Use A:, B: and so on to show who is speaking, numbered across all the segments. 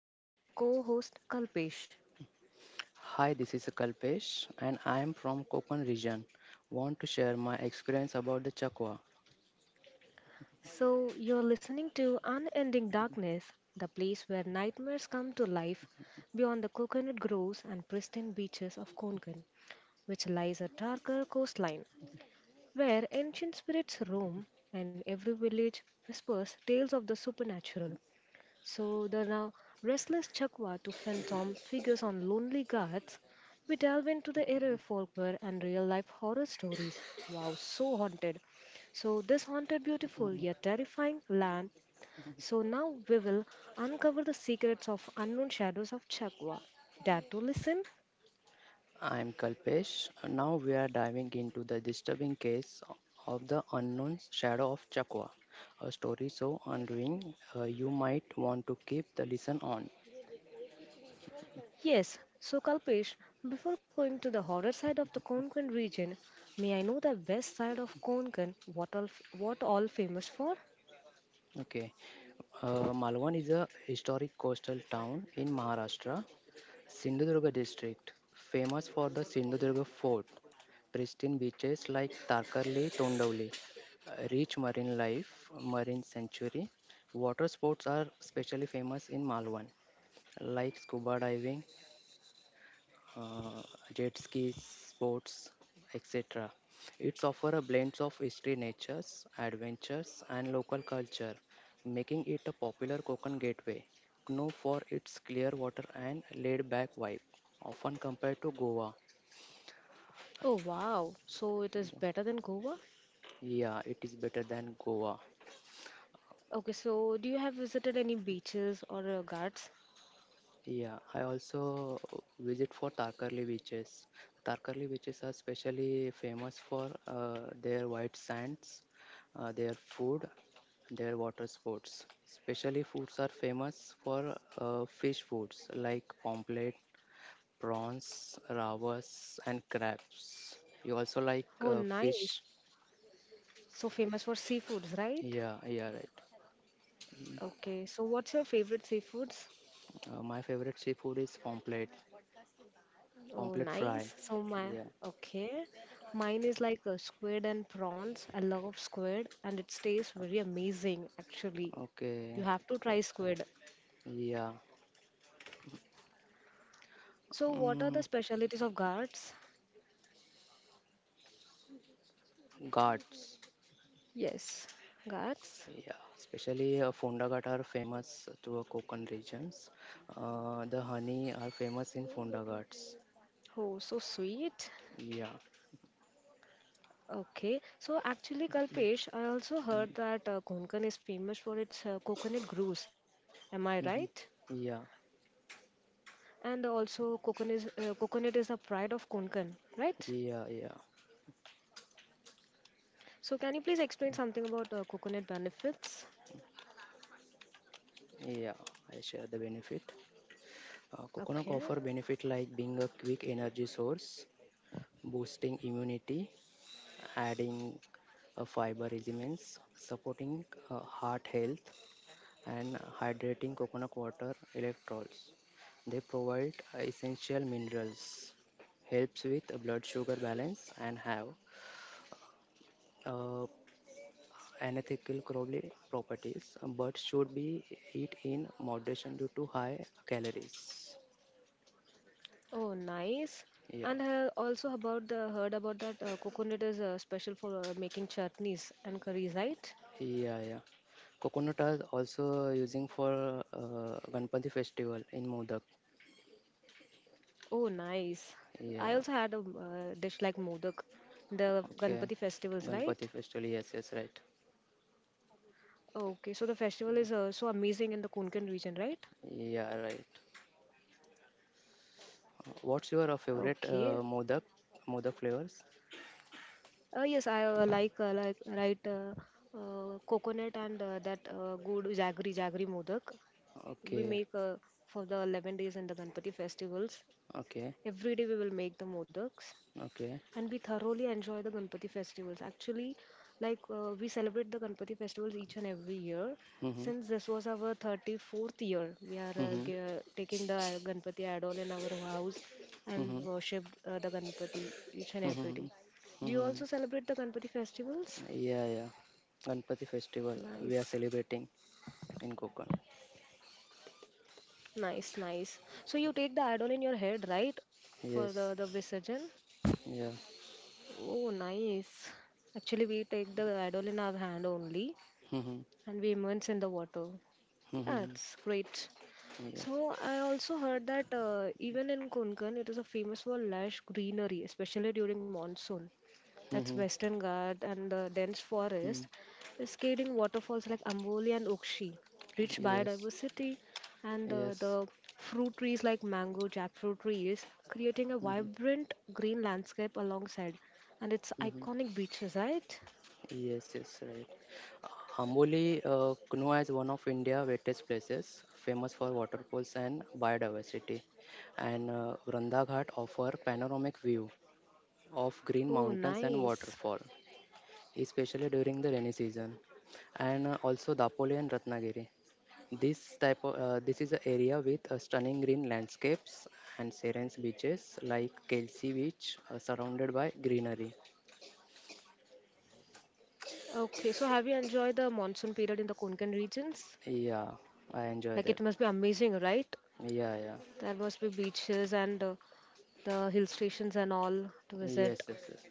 A: joined with my co-host Kalpesh.
B: Hi, this is Kalpesh and I am from Kokon region. Want to share my experience about the chakwa.
A: So you're listening to Unending Darkness, the place where nightmares come to life beyond the coconut groves and pristine beaches of Konkan, which lies a darker coastline, where ancient spirits roam and every village whispers tales of the supernatural. So the now restless Chakwa to phantom figures on Lonely Gods, we delve into the era of folklore and real life horror stories. Wow, so haunted. So this haunted, beautiful yet terrifying land. So now we will uncover the secrets of unknown shadows of Chakwa. Dare to listen?
B: I am Kalpesh and now we are diving into the disturbing case of the unknown shadow of chakwa. A story so unnerving you might want to keep the listen on.
A: Yes. So Kalpesh, before going to the horror side of the Konkan region, may I know the west side of Konkan? What all famous for?
B: Okay. Malwan is a historic coastal town in Maharashtra Sindhudurga district, famous for the Sindhudurga fort, pristine beaches like Tarkarli, Tondavli, rich marine life, marine sanctuary. Water sports are especially famous in Malwan, like scuba diving, uh, jet skis, sports, etc. It's offer a blend of history, natures, adventures, and local culture, making it a popular Konkan gateway, known for its clear water and laid-back vibe, often compared to Goa.
A: Oh wow, so it is better than Goa?
B: Yeah, it is better than Goa.
A: Okay, so do you have visited any beaches or ghats?
B: Yeah, I also visit for Tarkarli beaches. Tarkarli beaches are specially famous for their white sands, their food, their water sports. Specially foods are famous for fish foods like pomfret, prawns, rawas, and crabs. You also like
A: Oh nice.
B: fish?
A: So famous for seafoods, right?
B: Yeah, yeah, right.
A: Okay, so what's your favorite seafoods?
B: My favorite seafood is pomfret,
A: Oh
B: pomfret
A: nice.
B: fry.
A: So my
B: Yeah.
A: okay. Mine is like a squid and prawns. I love squid and it tastes very amazing actually. You
B: Okay.
A: have to try squid.
B: Yeah.
A: So what are the
B: Mm,
A: specialties of ghats?
B: Ghats,
A: Yes, ghats.
B: yeah, especially Fonda Ghat are famous to Konkan regions. The honey are famous in Fonda Ghats.
A: Oh, so sweet.
B: Yeah,
A: Okay, so actually, Kalpesh, I also heard that Konkan is famous for its coconut grooves. Am I right?
B: mhm, yeah,
A: And also, coconut is a pride of Konkan, right?
B: yeah, yeah,
A: So, can you please explain something about coconut benefits?
B: yeah. I share the benefit. Coconut
A: Okay.
B: offer benefit like being a quick energy source, boosting immunity, adding fiber elements, supporting heart health, and hydrating coconut water electrolytes. They provide essential minerals, helps with blood sugar balance and have uh, unethical crawly properties, but should be eat in moderation due to high calories.
A: Oh, nice.
B: Yeah,
A: And also about the heard about that coconut is special for making chutneys and curries, right?
B: yeah, yeah. Coconut are also using for Ganpati festival in Modak.
A: Oh, nice. I also
B: Yeah,
A: had a dish like modak, the
B: okay.
A: Ganpati festivals,
B: Ganpati
A: right?
B: festival, yes, yes, right.
A: Okay, so the festival is so amazing in the Konkan region, right?
B: Yeah, right. What's your favorite
A: Okay.
B: modak flavors?
A: Yes, I like right Coconut and that good jaggery modak we
B: Okay,
A: make for the 11 days in the Ganpati festivals.
B: okay,
A: Every day we will make the modaks
B: okay.
A: and we thoroughly enjoy the Ganpati festivals. Actually, like we celebrate the Ganpati festivals each and every year.
B: Mm-hmm.
A: Since this was our 34th year, we are
B: Mm-hmm.
A: taking the Ganpati idol in our house and
B: Mm-hmm.
A: worship the Ganpati each and every day.
B: Mm-hmm.
A: Do you
B: Mm-hmm.
A: also celebrate the Ganpati festivals?
B: Yeah, yeah. Ganpati festival we are
A: Nice,
B: celebrating in Konkan.
A: nice, nice. So you take the idol in your head, right? For the
B: Yes.
A: Visarjan?
B: Yeah.
A: Oh, nice. Actually, we take the idol in our hand only
B: Mm-hmm.
A: and we immerse in the water. Yeah,
B: Mm-hmm.
A: it's great.
B: Yeah.
A: So I also heard that even in Konkan, it is a famous for lush greenery, especially during monsoon. That's
B: Mm-hmm.
A: Western Ghat and the dense
B: Mm.
A: forest, cascading waterfalls like Amboli and Ukshi, rich
B: Yes.
A: biodiversity, and
B: Yes.
A: the fruit trees like mango, jackfruit trees, creating a
B: Mm-hmm.
A: vibrant green landscape alongside, and its
B: Mm-hmm.
A: iconic beaches, right?
B: Yes. Yes. Right. Amoli, known as one of India's wettest places, famous for waterfalls and biodiversity, and Vranda Ghat offer panoramic view of green
A: Oh,
B: mountains and
A: nice.
B: waterfall, especially during the rainy season, and also Dapoli and Ratnagiri. This type of This is an area with stunning green landscapes and serene beaches like Kelsey Beach, surrounded by greenery.
A: Okay, so have you enjoyed the monsoon period in the Konkan regions?
B: Yeah, I enjoy
A: Like it
B: that.
A: must be amazing, right?
B: Yeah, yeah,
A: There must be beaches and the hill stations and all to visit.
B: yes, yes, yes.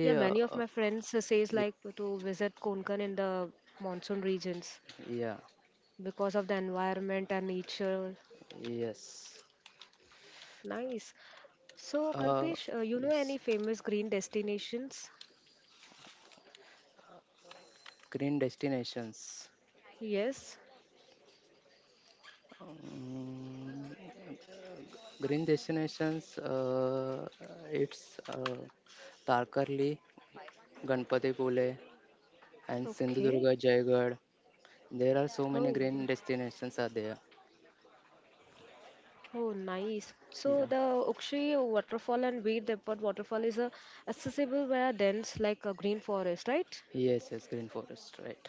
A: Yeah, many of my friends says
B: y-
A: like to visit Konkan in the monsoon regions
B: yeah,
A: because of the environment and nature.
B: yes
A: Nice. So,
B: uh,
A: Kalpesh, you know
B: yes,
A: any famous green destinations?
B: green destinations,
A: Yes.
B: mm, green destinations, it's, uh, tarkarli, ganpatipule and sindhudurga
A: Okay.
B: jaigarh. There are so many
A: Oh.
B: green destinations are there.
A: Oh, nice. So
B: Yeah,
A: the Ukshi waterfall and Veer Depot waterfall is accessible via dense like a green forest, right?
B: yes, yes, green forest, right.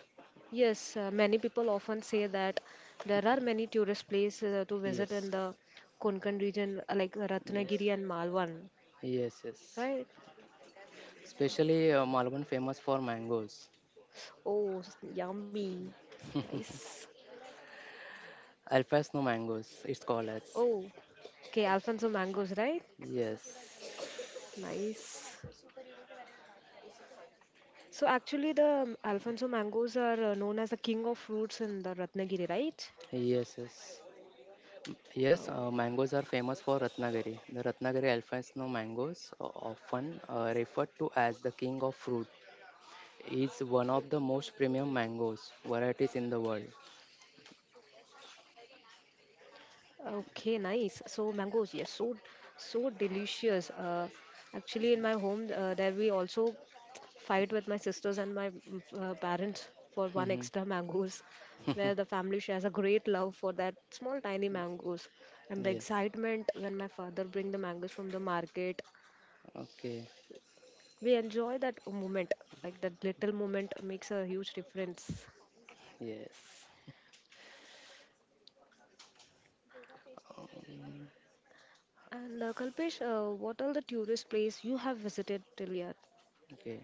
A: Yes, many people often say that there are many tourist places to visit in
B: Yes,
A: the Konkan region like
B: yes,
A: Ratnagiri and Malwan,
B: yes, yes,
A: right?
B: especially malvan famous for mangoes,
A: Oh, s- yummy. Nice.
B: alfa snow mangoes it's called as.
A: Oh, okay, Alfonso mangoes, right?
B: Yes,
A: Nice. So actually the Alfonso mangoes are known as the king of fruits in the Ratnagiri, right?
B: yes, yes. Yes,
A: Oh.
B: mangoes are famous for Ratnagiri. The Ratnagiri Alfonso mangoes, often referred to as the king of fruit, is one of the most premium mangoes varieties in the world.
A: Okay, nice. So mangoes, yes, so so delicious. Actually, in my home, there we also fight with my sisters and my parents for one extra
B: Mhm.
A: mangoes, where the family shares a great love for that small tiny mangoes, and the
B: Yes.
A: excitement when my father bring the mangoes from the market.
B: Okay.
A: We enjoy that moment, like that little moment makes a huge difference.
B: Yes.
A: And Kalpesh, what are the tourist place you have visited till yet?
B: Okay.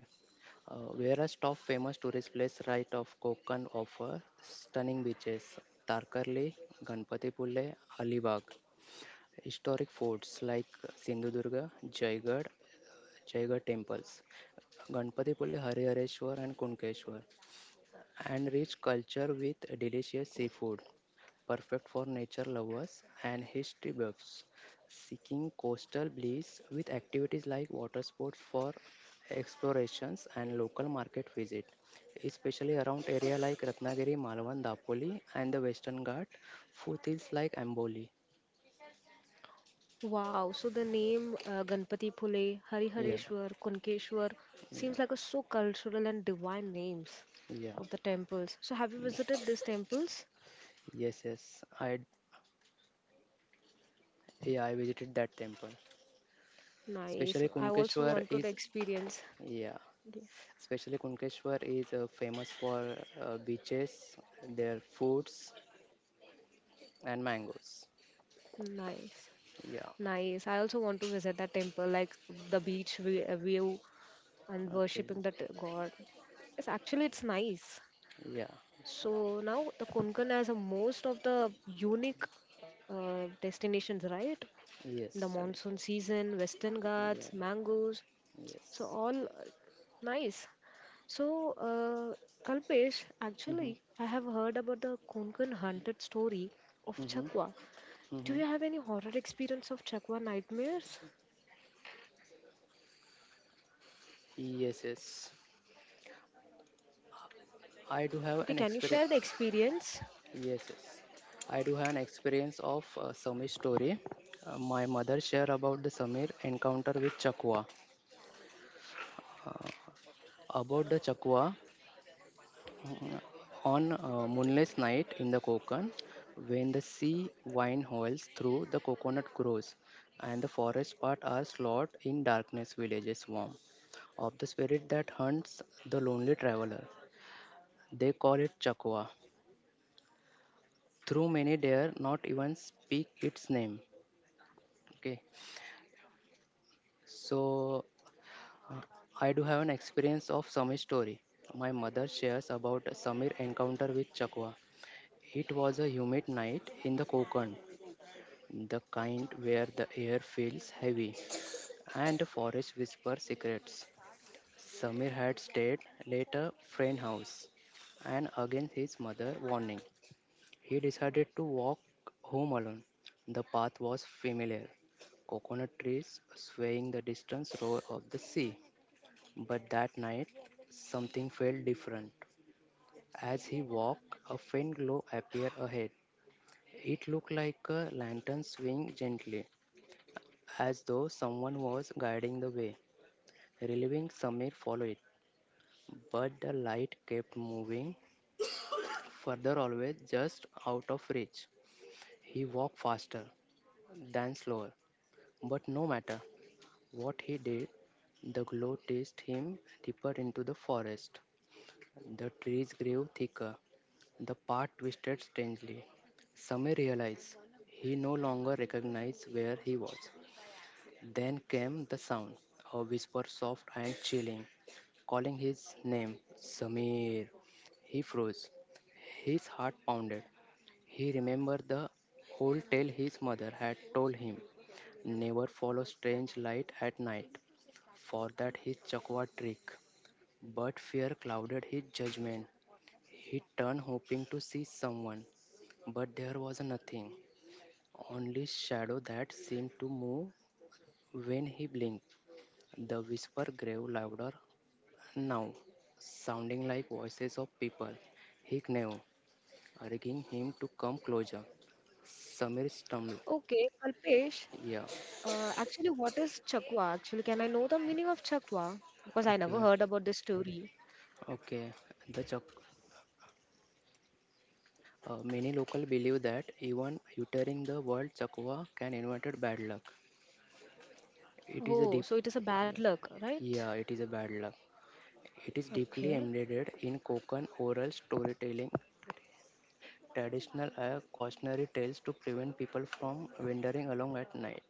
B: Whereas top famous tourist place right of Konkan offer stunning beaches, Tarkarli, Ganpatipule, Alibag, historic forts like Sindhudurga, Jaigarh, Jaigarh temples, Ganpatipule, Harihareshwar and Kunkeshwar, and rich culture with delicious seafood, perfect for nature lovers and history buffs, seeking coastal bliss with activities like water sports for explorations and local market visit, especially around area like Ratnagiri, Malwan, Dapoli and the Western Ghat, food like Amboli.
A: Wow, so the name Ganpati Phule,
B: Yeah,
A: Harihareshwar, Kunkeshwar
B: yeah,
A: seems like a so cultural and divine names
B: yeah.
A: of the temples. So have you visited these temples?
B: Yes, yes. I Yeah, I visited that temple.
A: Nice.
B: Especially
A: I also
B: Kunkeshwar
A: wanted
B: is,
A: to experience.
B: yeah,
A: Yeah.
B: especially Kunkeshwar is famous for beaches, their foods, and mangoes.
A: Nice.
B: Yeah.
A: Nice. I also want to visit that temple, like the beach view and
B: Okay.
A: worshipping that god. It's actually it's nice.
B: Yeah.
A: So now the Konkan has a most of the unique destinations, right? The
B: Yes. Right.
A: monsoon season, Western
B: Yeah.
A: Ghats, mangoes. So
B: Yes.
A: all nice. So Kalpesh,
B: Mm-hmm.
A: actually, I have heard about the Konkan haunted story of
B: Mm-hmm.
A: Chakwa. Do
B: Mm-hmm.
A: you have any horror experience of Chakwa nightmares?
B: Yes. Yes. I do have
A: Okay,
B: an
A: can you
B: experience.
A: share the experience?
B: Yes. Yes. I do have an experience of Samir's story. My mother shared about the Samir encounter with Chakwa. Uh, about the Chakwa, Uh, on a moonless night in the Konkan, when the sea wind howls through the coconut groves and the forest paths are slowed in darkness villages warm of the spirit that hunts the lonely traveler. They call it Chakwa. Through many dare not even speak its name. Okay, so uh, I do have an experience of Samir's story. My mother shares about Samir encounter with Chakwa. It was a humid night in the Konkan, the kind where the air feels heavy and the forest whisper secrets. Samir had stayed at a friend house and against his mother warning. He decided to walk home alone. The path was familiar. Coconut trees swaying the distant roar of the sea. But that night something felt different. As he walked, a faint glow appeared ahead. It looked like a lantern swinging gently as though someone was guiding the way. Relieving Samir followed, it, but the light kept moving further, always just out of reach. He walked faster than slower, but no matter what he did, the glow chased him deeper into the forest. The trees grew thicker. The path twisted strangely. Samir realized he no longer recognized where he was. Then came the sound, a whisper soft and chilling. Calling his name, Samir, he froze. His heart pounded. He remembered the whole tale his mother had told him never follow strange light at night, for that his chakwa trick. But fear clouded his judgment. He turned hoping to see someone, but there was nothing, only shadow that seemed to move when he blinked. The whisper grew louder now, sounding like voices of people, he knew, urging him to come closer. Samir stumbled.
A: Okay, Kalpesh,
B: Yeah,
A: actually, what is Chakwa? Actually, can I know the meaning of Chakwa? Because I never
B: okay,
A: heard about this story.
B: okay. The chak- Many local believe that even uttering the word chakwa can invite bad luck. It is a
A: Oh,
B: deep,
A: so it is a bad luck, right?
B: yeah, it is a bad luck. It is deeply
A: Okay,
B: embedded in Kokan oral storytelling. Traditional cautionary tales to prevent people from wandering along at night.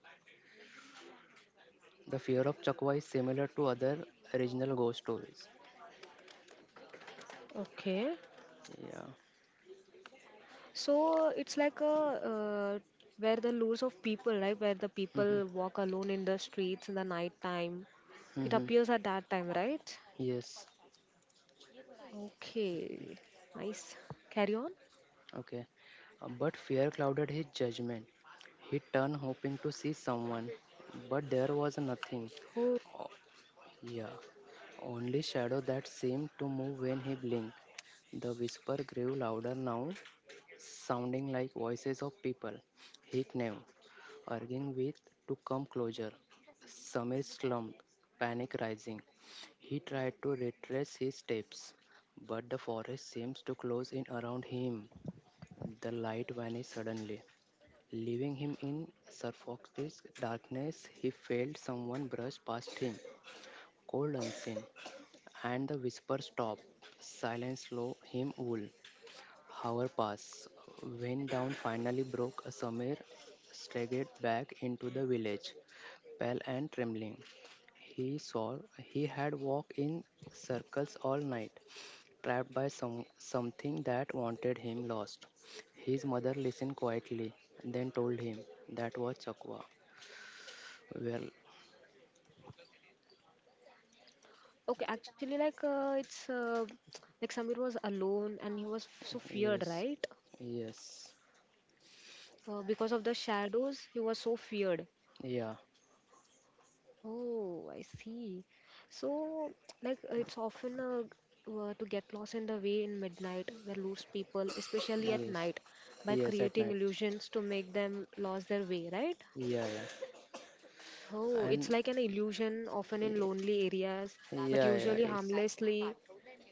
B: The fear of Chakwa is similar to other regional ghost stories.
A: okay.
B: Yeah.
A: So it's like a where the lures of people, right? Where the people walk alone in the streets in the night time.
B: Hmm,
A: It
B: hmm.
A: appears at that time, right?
B: Yes.
A: Okay, nice. Carry on.
B: Okay. But fear clouded his judgment. He turned hoping to see someone, but there was nothing.
A: Oh,
B: O- Yeah. Only shadow that seemed to move when he blinked. The whisper grew louder now, sounding like voices of people he knew, arguing with to come closer. Samir slumped, panic rising. He tried to retrace his steps, but the forest seems to close in around him. The light vanished suddenly, leaving him in suffocating darkness. He felt someone brush past him, cold unseen, and the whisper stopped. Silence slow him wool. Hour passed. When dawn finally broke, Samir staggered back into the village pale and trembling. He saw he had walked in circles all night, trapped by something that wanted him lost. His mother listened quietly, then told him that was Chakwa. Well,
A: okay. Actually, like it's like Samir was alone and he was so feared,
B: yes,
A: right?
B: yes,
A: Because of the shadows, he was so feared.
B: yeah,
A: Oh, I see. So, like, it's often to get lost in the way in midnight, the loose people, especially at
B: yes,
A: night, by
B: yes, at
A: creating
B: night,
A: illusions to make them lose their way, right?
B: yeah, yeah,
A: Oh, it's
B: and
A: like an illusion, often in
B: y-
A: lonely areas, but
B: yeah, yeah,
A: usually
B: it's,
A: harmlessly.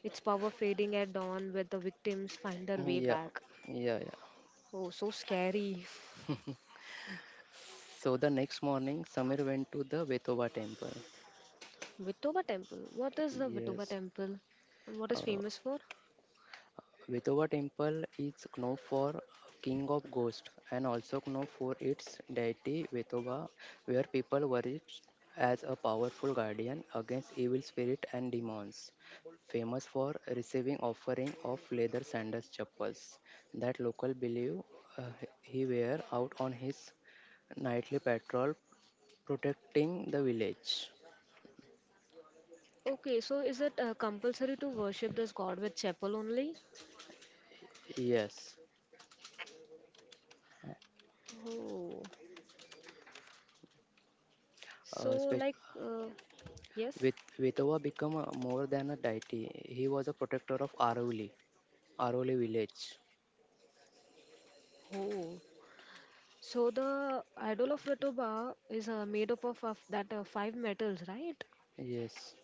A: Its power fading at dawn, where the victims find their way
B: yeah,
A: back.
B: yeah, yeah.
A: Oh, so scary.
B: So the next morning, Samir went to the Vetoba temple.
A: Vitoba Temple. What is the Vitoba
B: Yes.
A: Temple? And what is
B: Uh,
A: famous for?
B: Vithova temple is known for king of ghosts and also known for its deity Vithova, where people worship as a powerful guardian against evil spirits and demons. Famous for receiving offering of leather sandals chappals that local believe uh, he wear out on his nightly patrol protecting the village.
A: Okay, so is it compulsory to worship this god with chapel only?
B: Yes,
A: Oh, so
B: uh, spe-
A: like, uh, yes.
B: with Vetoba became more than a deity. He was a protector of Arovali village.
A: Oh, so the idol of Vitoba is made up of that five metals, right?
B: Yes,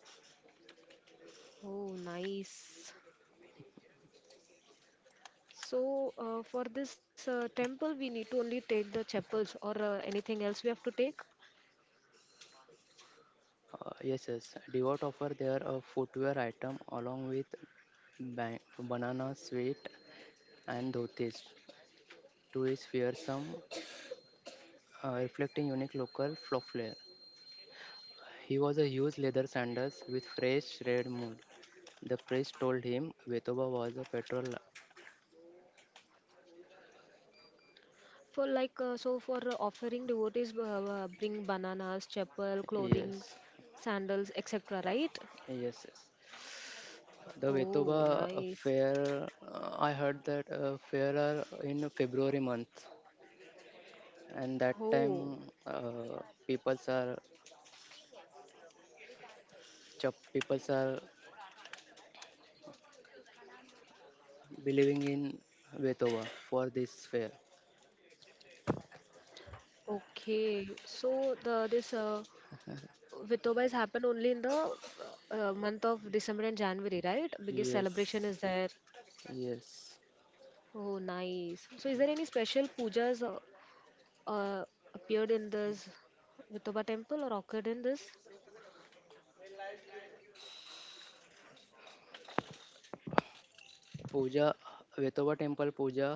A: Oh, nice. So for this temple, we need to only take the chapels or anything else we have to take.
B: yes, yes. Devout offer their footwear item along with banana sweet and dhotis to his fearsome, reflecting unique local flow flair. He was a huge leather sandals with fresh red mood. The priest told him Vetoba was a petrol.
A: For like, so for offering, devotees bring bananas, chapel, clothing,
B: Yes,
A: sandals, etc. Right?
B: yes, yes. The
A: Oh,
B: Vetova
A: nice.
B: fair, I heard that fair are in February month, and that
A: Oh,
B: time uh, peoples are peoples are believing in Vetova for this fair.
A: okay. So the this Vitobas happen only in the month of December and January, right? Biggest
B: Yes,
A: celebration is there.
B: yes.
A: Oh, nice. So is there any special pujas uh, appeared in this Vithoba temple or occurred in this?
B: Puja, Vetova temple puja.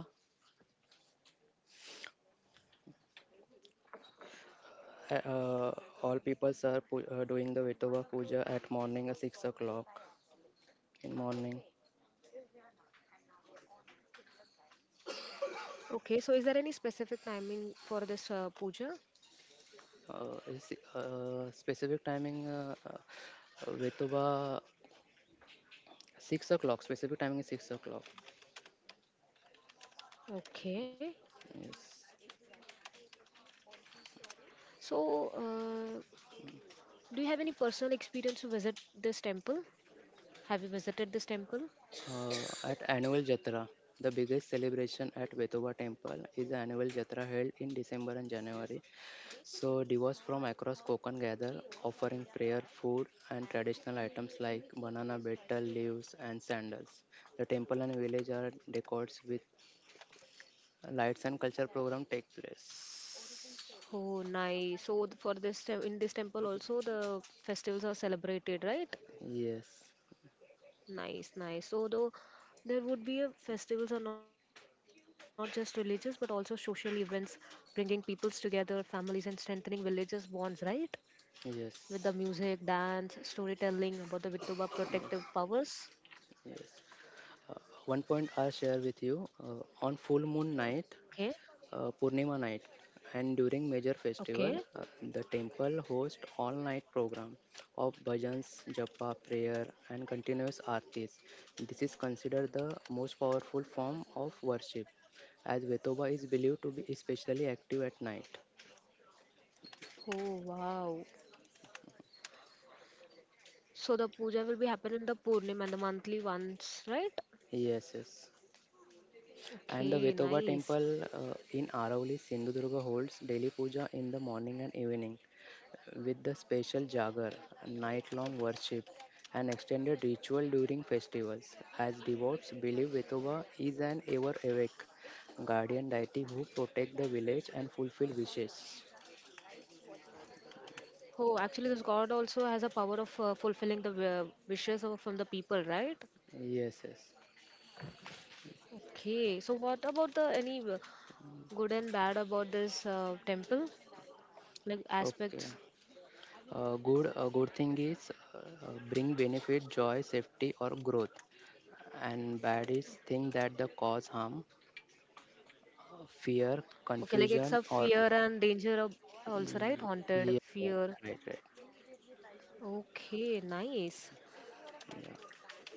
B: uh, uh, all peoples are doing the Vetova puja at morning at 6 o'clock in morning.
A: Okay. So is there any specific timing for this puja?
B: Specific timing. Vetova. 6 o'clock. Specific timing is 6 o'clock.
A: Okay.
B: Yes.
A: So do you have any personal experience to visit this temple? Have you visited this temple?
B: At annual Jatra, the biggest celebration at Vetoba Temple is the annual Jatra held in December and January. So devotees from across Konkan gather, offering prayer, food, and traditional items like banana, betel leaves, and sandals. The temple and village are decorated with lights and culture program take place.
A: Oh, nice. So th- for this tem- in this temple also the festivals are celebrated, right?
B: Yes.
A: Nice, nice. So though there would be a, festivals are not just religious but also social events, bringing peoples together, families, and strengthening villages bonds, right? With the
B: Yes.
A: music, dance, storytelling about the Vitoba protective
B: Yes.
A: powers.
B: Yes. Uh, One point I'll share with you on full moon night,
A: Okay,
B: Purnima night, and during major
A: okay.
B: festival, the temple hosts all night program of bhajans, japa, prayer, and continuous artis. This is considered the most powerful form of worship, as Vetoba is believed to be especially active at night.
A: Oh wow. So the puja will be happening in the Purnim and the monthly once, right?
B: Yes, yes. And the
A: Okay,
B: Vetoba
A: nice.
B: temple in Arauli, Sindhudurga holds daily puja in the morning and evening, with the special jagar, night-long worship, and extended ritual during festivals, as devotees believe Vitoba is an ever-awake guardian deity who protect the village and fulfill wishes.
A: Oh, actually, this god also has a power of fulfilling the wishes of, from the people, right?
B: Yes, yes.
A: Okay. So, what about the any good and bad about this temple, like
B: Okay.
A: aspects?
B: Good. A good thing is bring benefit, joy, safety, or growth. And bad is thing that the cause harm, fear,
A: Okay, like it's
B: confusion,
A: a
B: or
A: fear and danger of also, right? Haunted
B: yeah,
A: fear.
B: right, right.
A: Okay, nice.
B: Yeah.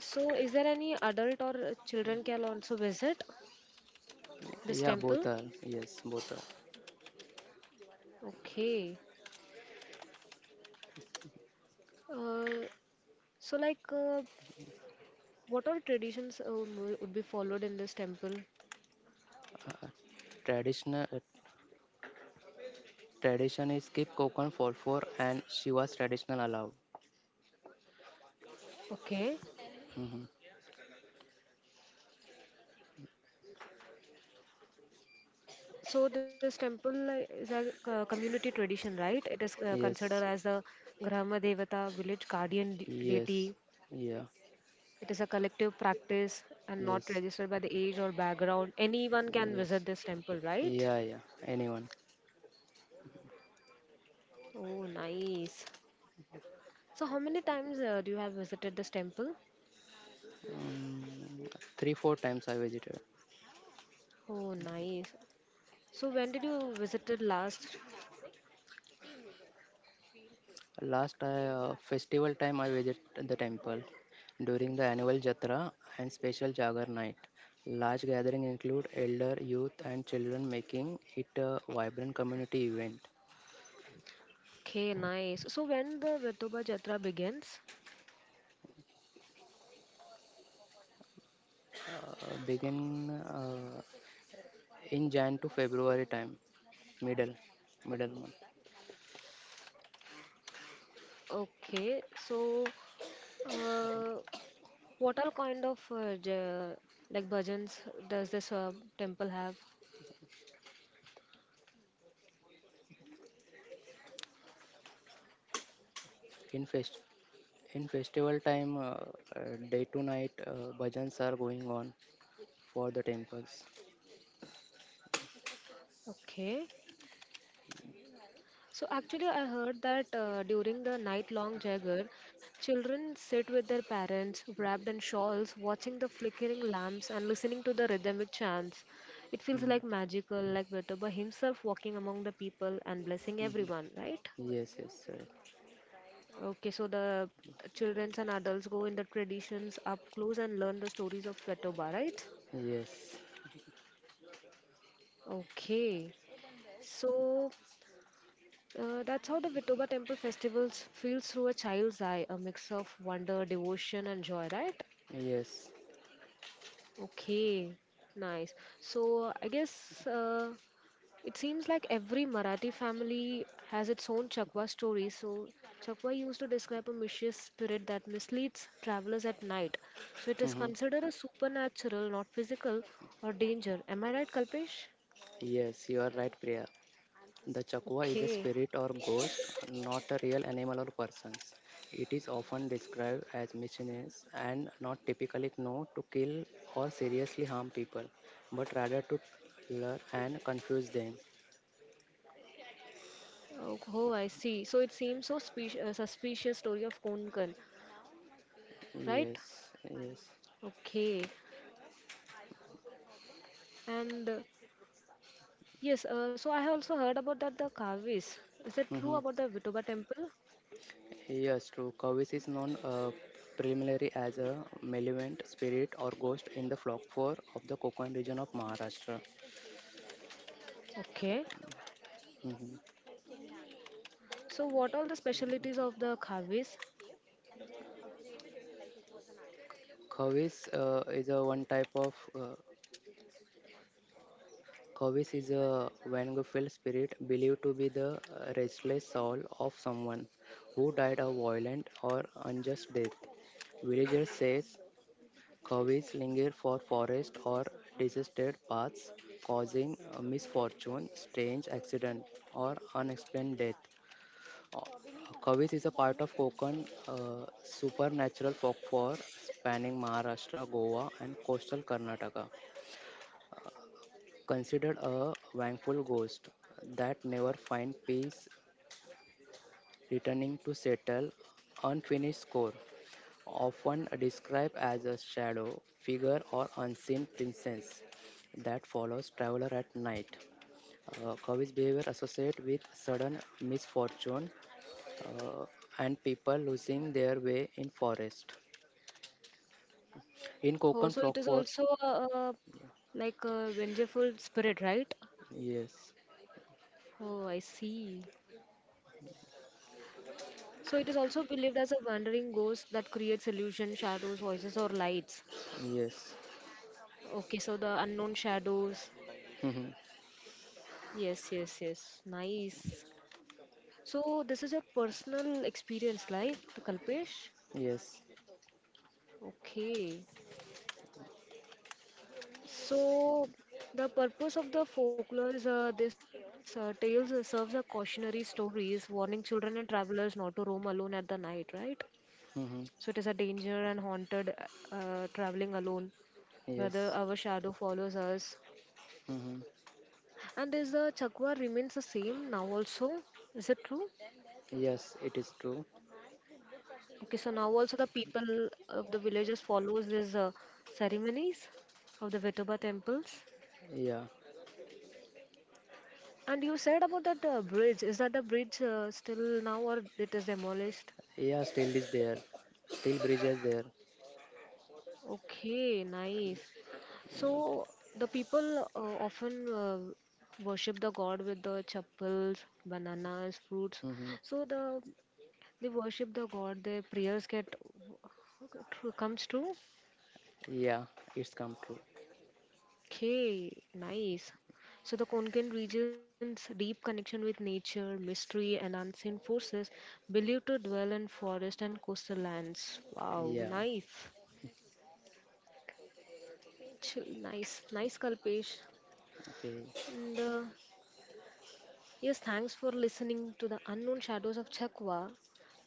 A: So, is there any adult or children can also visit this
B: Yeah,
A: temple?
B: both are. Yes, both are.
A: Okay. Uh, so, like, what all traditions would be followed in this temple?
B: Uh, Traditional tradition is keep coconut for four and Shiva's traditional allowed.
A: Okay.
B: Hmm.
A: So this temple is a community tradition, right? It is considered
B: Yes,
A: as a Grama Devata, village guardian
B: yes,
A: deity.
B: yeah,
A: It is a collective practice and not
B: yes,
A: registered by the age or background. Anyone can visit
B: yes,
A: this temple, right?
B: yeah, yeah. Anyone?
A: Oh, nice. So how many times do you have visited this temple?
B: Um, three, four times I visited.
A: Oh, nice. So when did you visit it last?
B: Last festival time, I visit the temple during the annual Jatra and special Jagar night. Large gathering include elder, youth, and children, making it a vibrant community event.
A: Okay, nice. So when the Vetoba Jatra begins?
B: Begin in Jan to February time, middle, middle month.
A: Okay, so uh, what all kind of like bhajans does this temple have?
B: In fest in festival time, day to night bhajans are going on for the temples.
A: Okay. So actually, I heard that during the night-long Jagar, children sit with their parents, wrapped in shawls, watching the flickering lamps and listening to the rhythmic chants. It feels
B: Mhm,
A: like magical, like Vitoba himself walking among the people and blessing
B: mhm.
A: everyone, right?
B: Yes, yes, right.
A: Okay, so the children and adults go in the traditions up close and learn the stories of Vetoba, right?
B: Yes,
A: Okay. So that's how the Vitoba temple festivals feels through a child's eye, a mix of wonder, devotion, and joy, right?
B: yes.
A: Okay, nice. So I guess it seems like every Marathi family has its own Chakwa story. So Chakwa used to describe a mischievous spirit that misleads travelers at night. So it is
B: Mhm.
A: considered a supernatural, not physical, or danger. Am I right, Kalpesh?
B: Yes, you are right, Priya. The chakwa is a
A: Okay.
B: spirit or ghost, not a real animal or person. It is often described as mischievous and not typically known to kill or seriously harm people, but rather to lure and confuse them.
A: Oh, oh, I see. So it seems so suspicious story of Konkan, right?
B: Yes, yes.
A: Okay. And yes, so I have also heard about that the Kavis. Is that true
B: Mhm.
A: about the Vitoba temple?
B: Yes, true. Kawis is known preliminary as a malevolent spirit or ghost in the flock four of the Konkan region of Maharashtra.
A: Okay.
B: Mhm.
A: So what are the specialities of the Kavis?
B: Khavis uh, is a one type of uh, Khavis is a Vanguard spirit believed to be the restless soul of someone who died a violent or unjust death. Villagers says Khavis linger for forest or deserted paths, causing misfortune, strange accident, or unexplained death. Uh, Khavis is a part of Konkan supernatural folklore spanning Maharashtra, Goa, and coastal Karnataka. Considered a vengeful ghost that never finds peace, returning to settle unfinished score, often described as a shadow figure or unseen presence that follows traveler at night. Cowie's behavior associated with sudden misfortune uh, and people losing their way in forest. In
A: Oh,
B: Konkan
A: so it is
B: folklore,
A: also a like a vengeful spirit, right?
B: yes,
A: Oh, I see. So it is also believed as a wandering ghost that creates illusion, shadows, voices, or lights.
B: yes, yes,
A: Okay, so the unknown shadows. Yes, yes, yes. Nice. So this is your personal experience, right, Kalpesh?
B: yes,
A: Okay. So the purpose of the folklore is, this tales serves a cautionary stories, warning children and travelers not to roam alone at the night, right?
B: mm-hmm,
A: So it is a danger and haunted, traveling alone, whether
B: yes.
A: our shadow follows us.
B: Mm-hmm.
A: And is the chakwa remains the same now also? Is it true?
B: Yes, it is true.
A: Okay, so now also the people of the villages follows these ceremonies of the Vitoba temples.
B: Yeah.
A: And you said about that bridge. Is that the bridge still now or it is demolished?
B: Yeah, still is there. Still bridges there.
A: Okay, nice.
B: Yeah.
A: So the people often worship the god with the chapels, bananas, fruits.
B: Mm-hmm.
A: So they worship the god. Their prayers get comes true.
B: Yeah, it's come true.
A: Okay, nice. So the Konkan region's deep connection with nature, mystery, and unseen forces, believed to dwell in forest and coastal lands. Wow,
B: Yeah.
A: nice. Chill, nice, nice, Kalpesh.
B: Okay.
A: And yes, thanks for listening to the unknown shadows of Chakwa.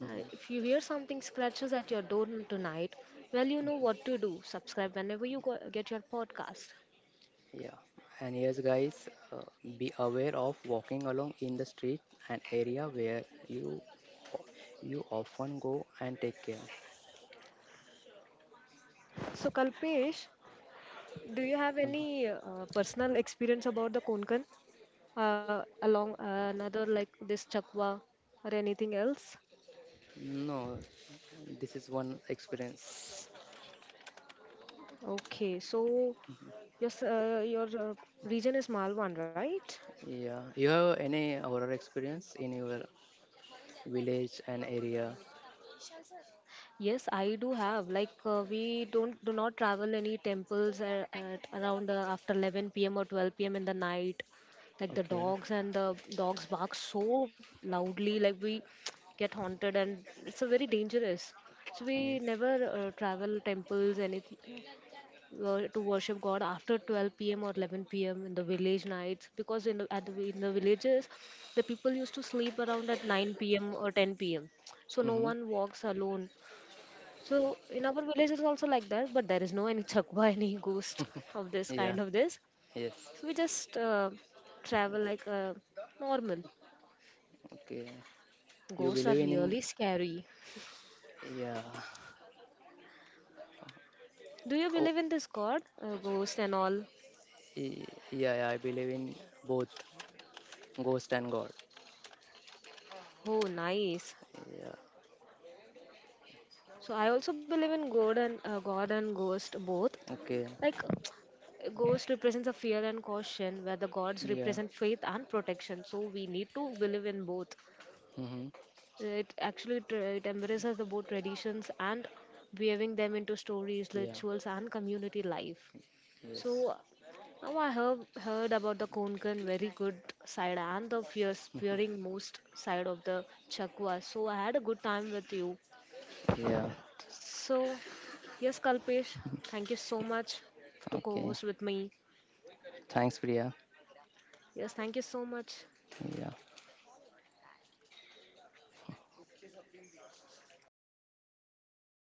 A: If you hear something scratches at your door tonight, well, you know what to do. Subscribe whenever you get your podcast.
B: Yeah. And yes, guys, be aware of walking along in the street an area where you often go and take care.
A: So, Kalpesh, do you have
B: Mhm.
A: any personal experience about the Konkan, along another like this chakwa or anything else?
B: No, this is one experience.
A: Okay, so yes, your region is Malwan, right?
B: Yeah. You have any horror experience in your village and area?
A: Yes, I do have. Like we don't do not travel any temples at around after 11 p.m. or 12 p.m. in the night. Like the
B: Okay.
A: dogs and the dogs bark so loudly, like we get haunted, and it's a very dangerous. So we never
B: Yes.
A: travel temples any to worship God after 12 p.m. or 11 p.m. in the village nights because in the villages the people used to sleep around at 9 p.m. or 10 p.m. So no
B: Mm-hmm.
A: one walks alone. So in our village it's also like that, but there is no any chakwa, any ghost of this
B: Yeah.
A: kind of this.
B: Yes.
A: So we just travel like normal.
B: Okay. You
A: Ghosts are
B: believe
A: really scary.
B: in yeah.
A: Do you
B: Oh,
A: believe in this God, ghost and all?
B: y- yeah, yeah. I believe in both ghost and God.
A: Oh, nice.
B: Yeah.
A: So I also believe in God and ghost both.
B: Okay.
A: Like a ghost represents a fear and caution, where the gods
B: Yeah.
A: represent faith and protection. So we need to believe in both.
B: Mm-hmm.
A: It actually it embraces the both traditions and weaving them into stories,
B: Yeah.
A: rituals, and community life.
B: Yes.
A: So now I have heard about the Konkan very good side and the fierce, fearing most side of the Chakwa. So I had a good time with you.
B: Yeah.
A: So yes, Kalpesh, thank you so much to
B: Okay.
A: co-host with me.
B: Thanks, Priya.
A: Yes, thank you so much.
B: Yeah.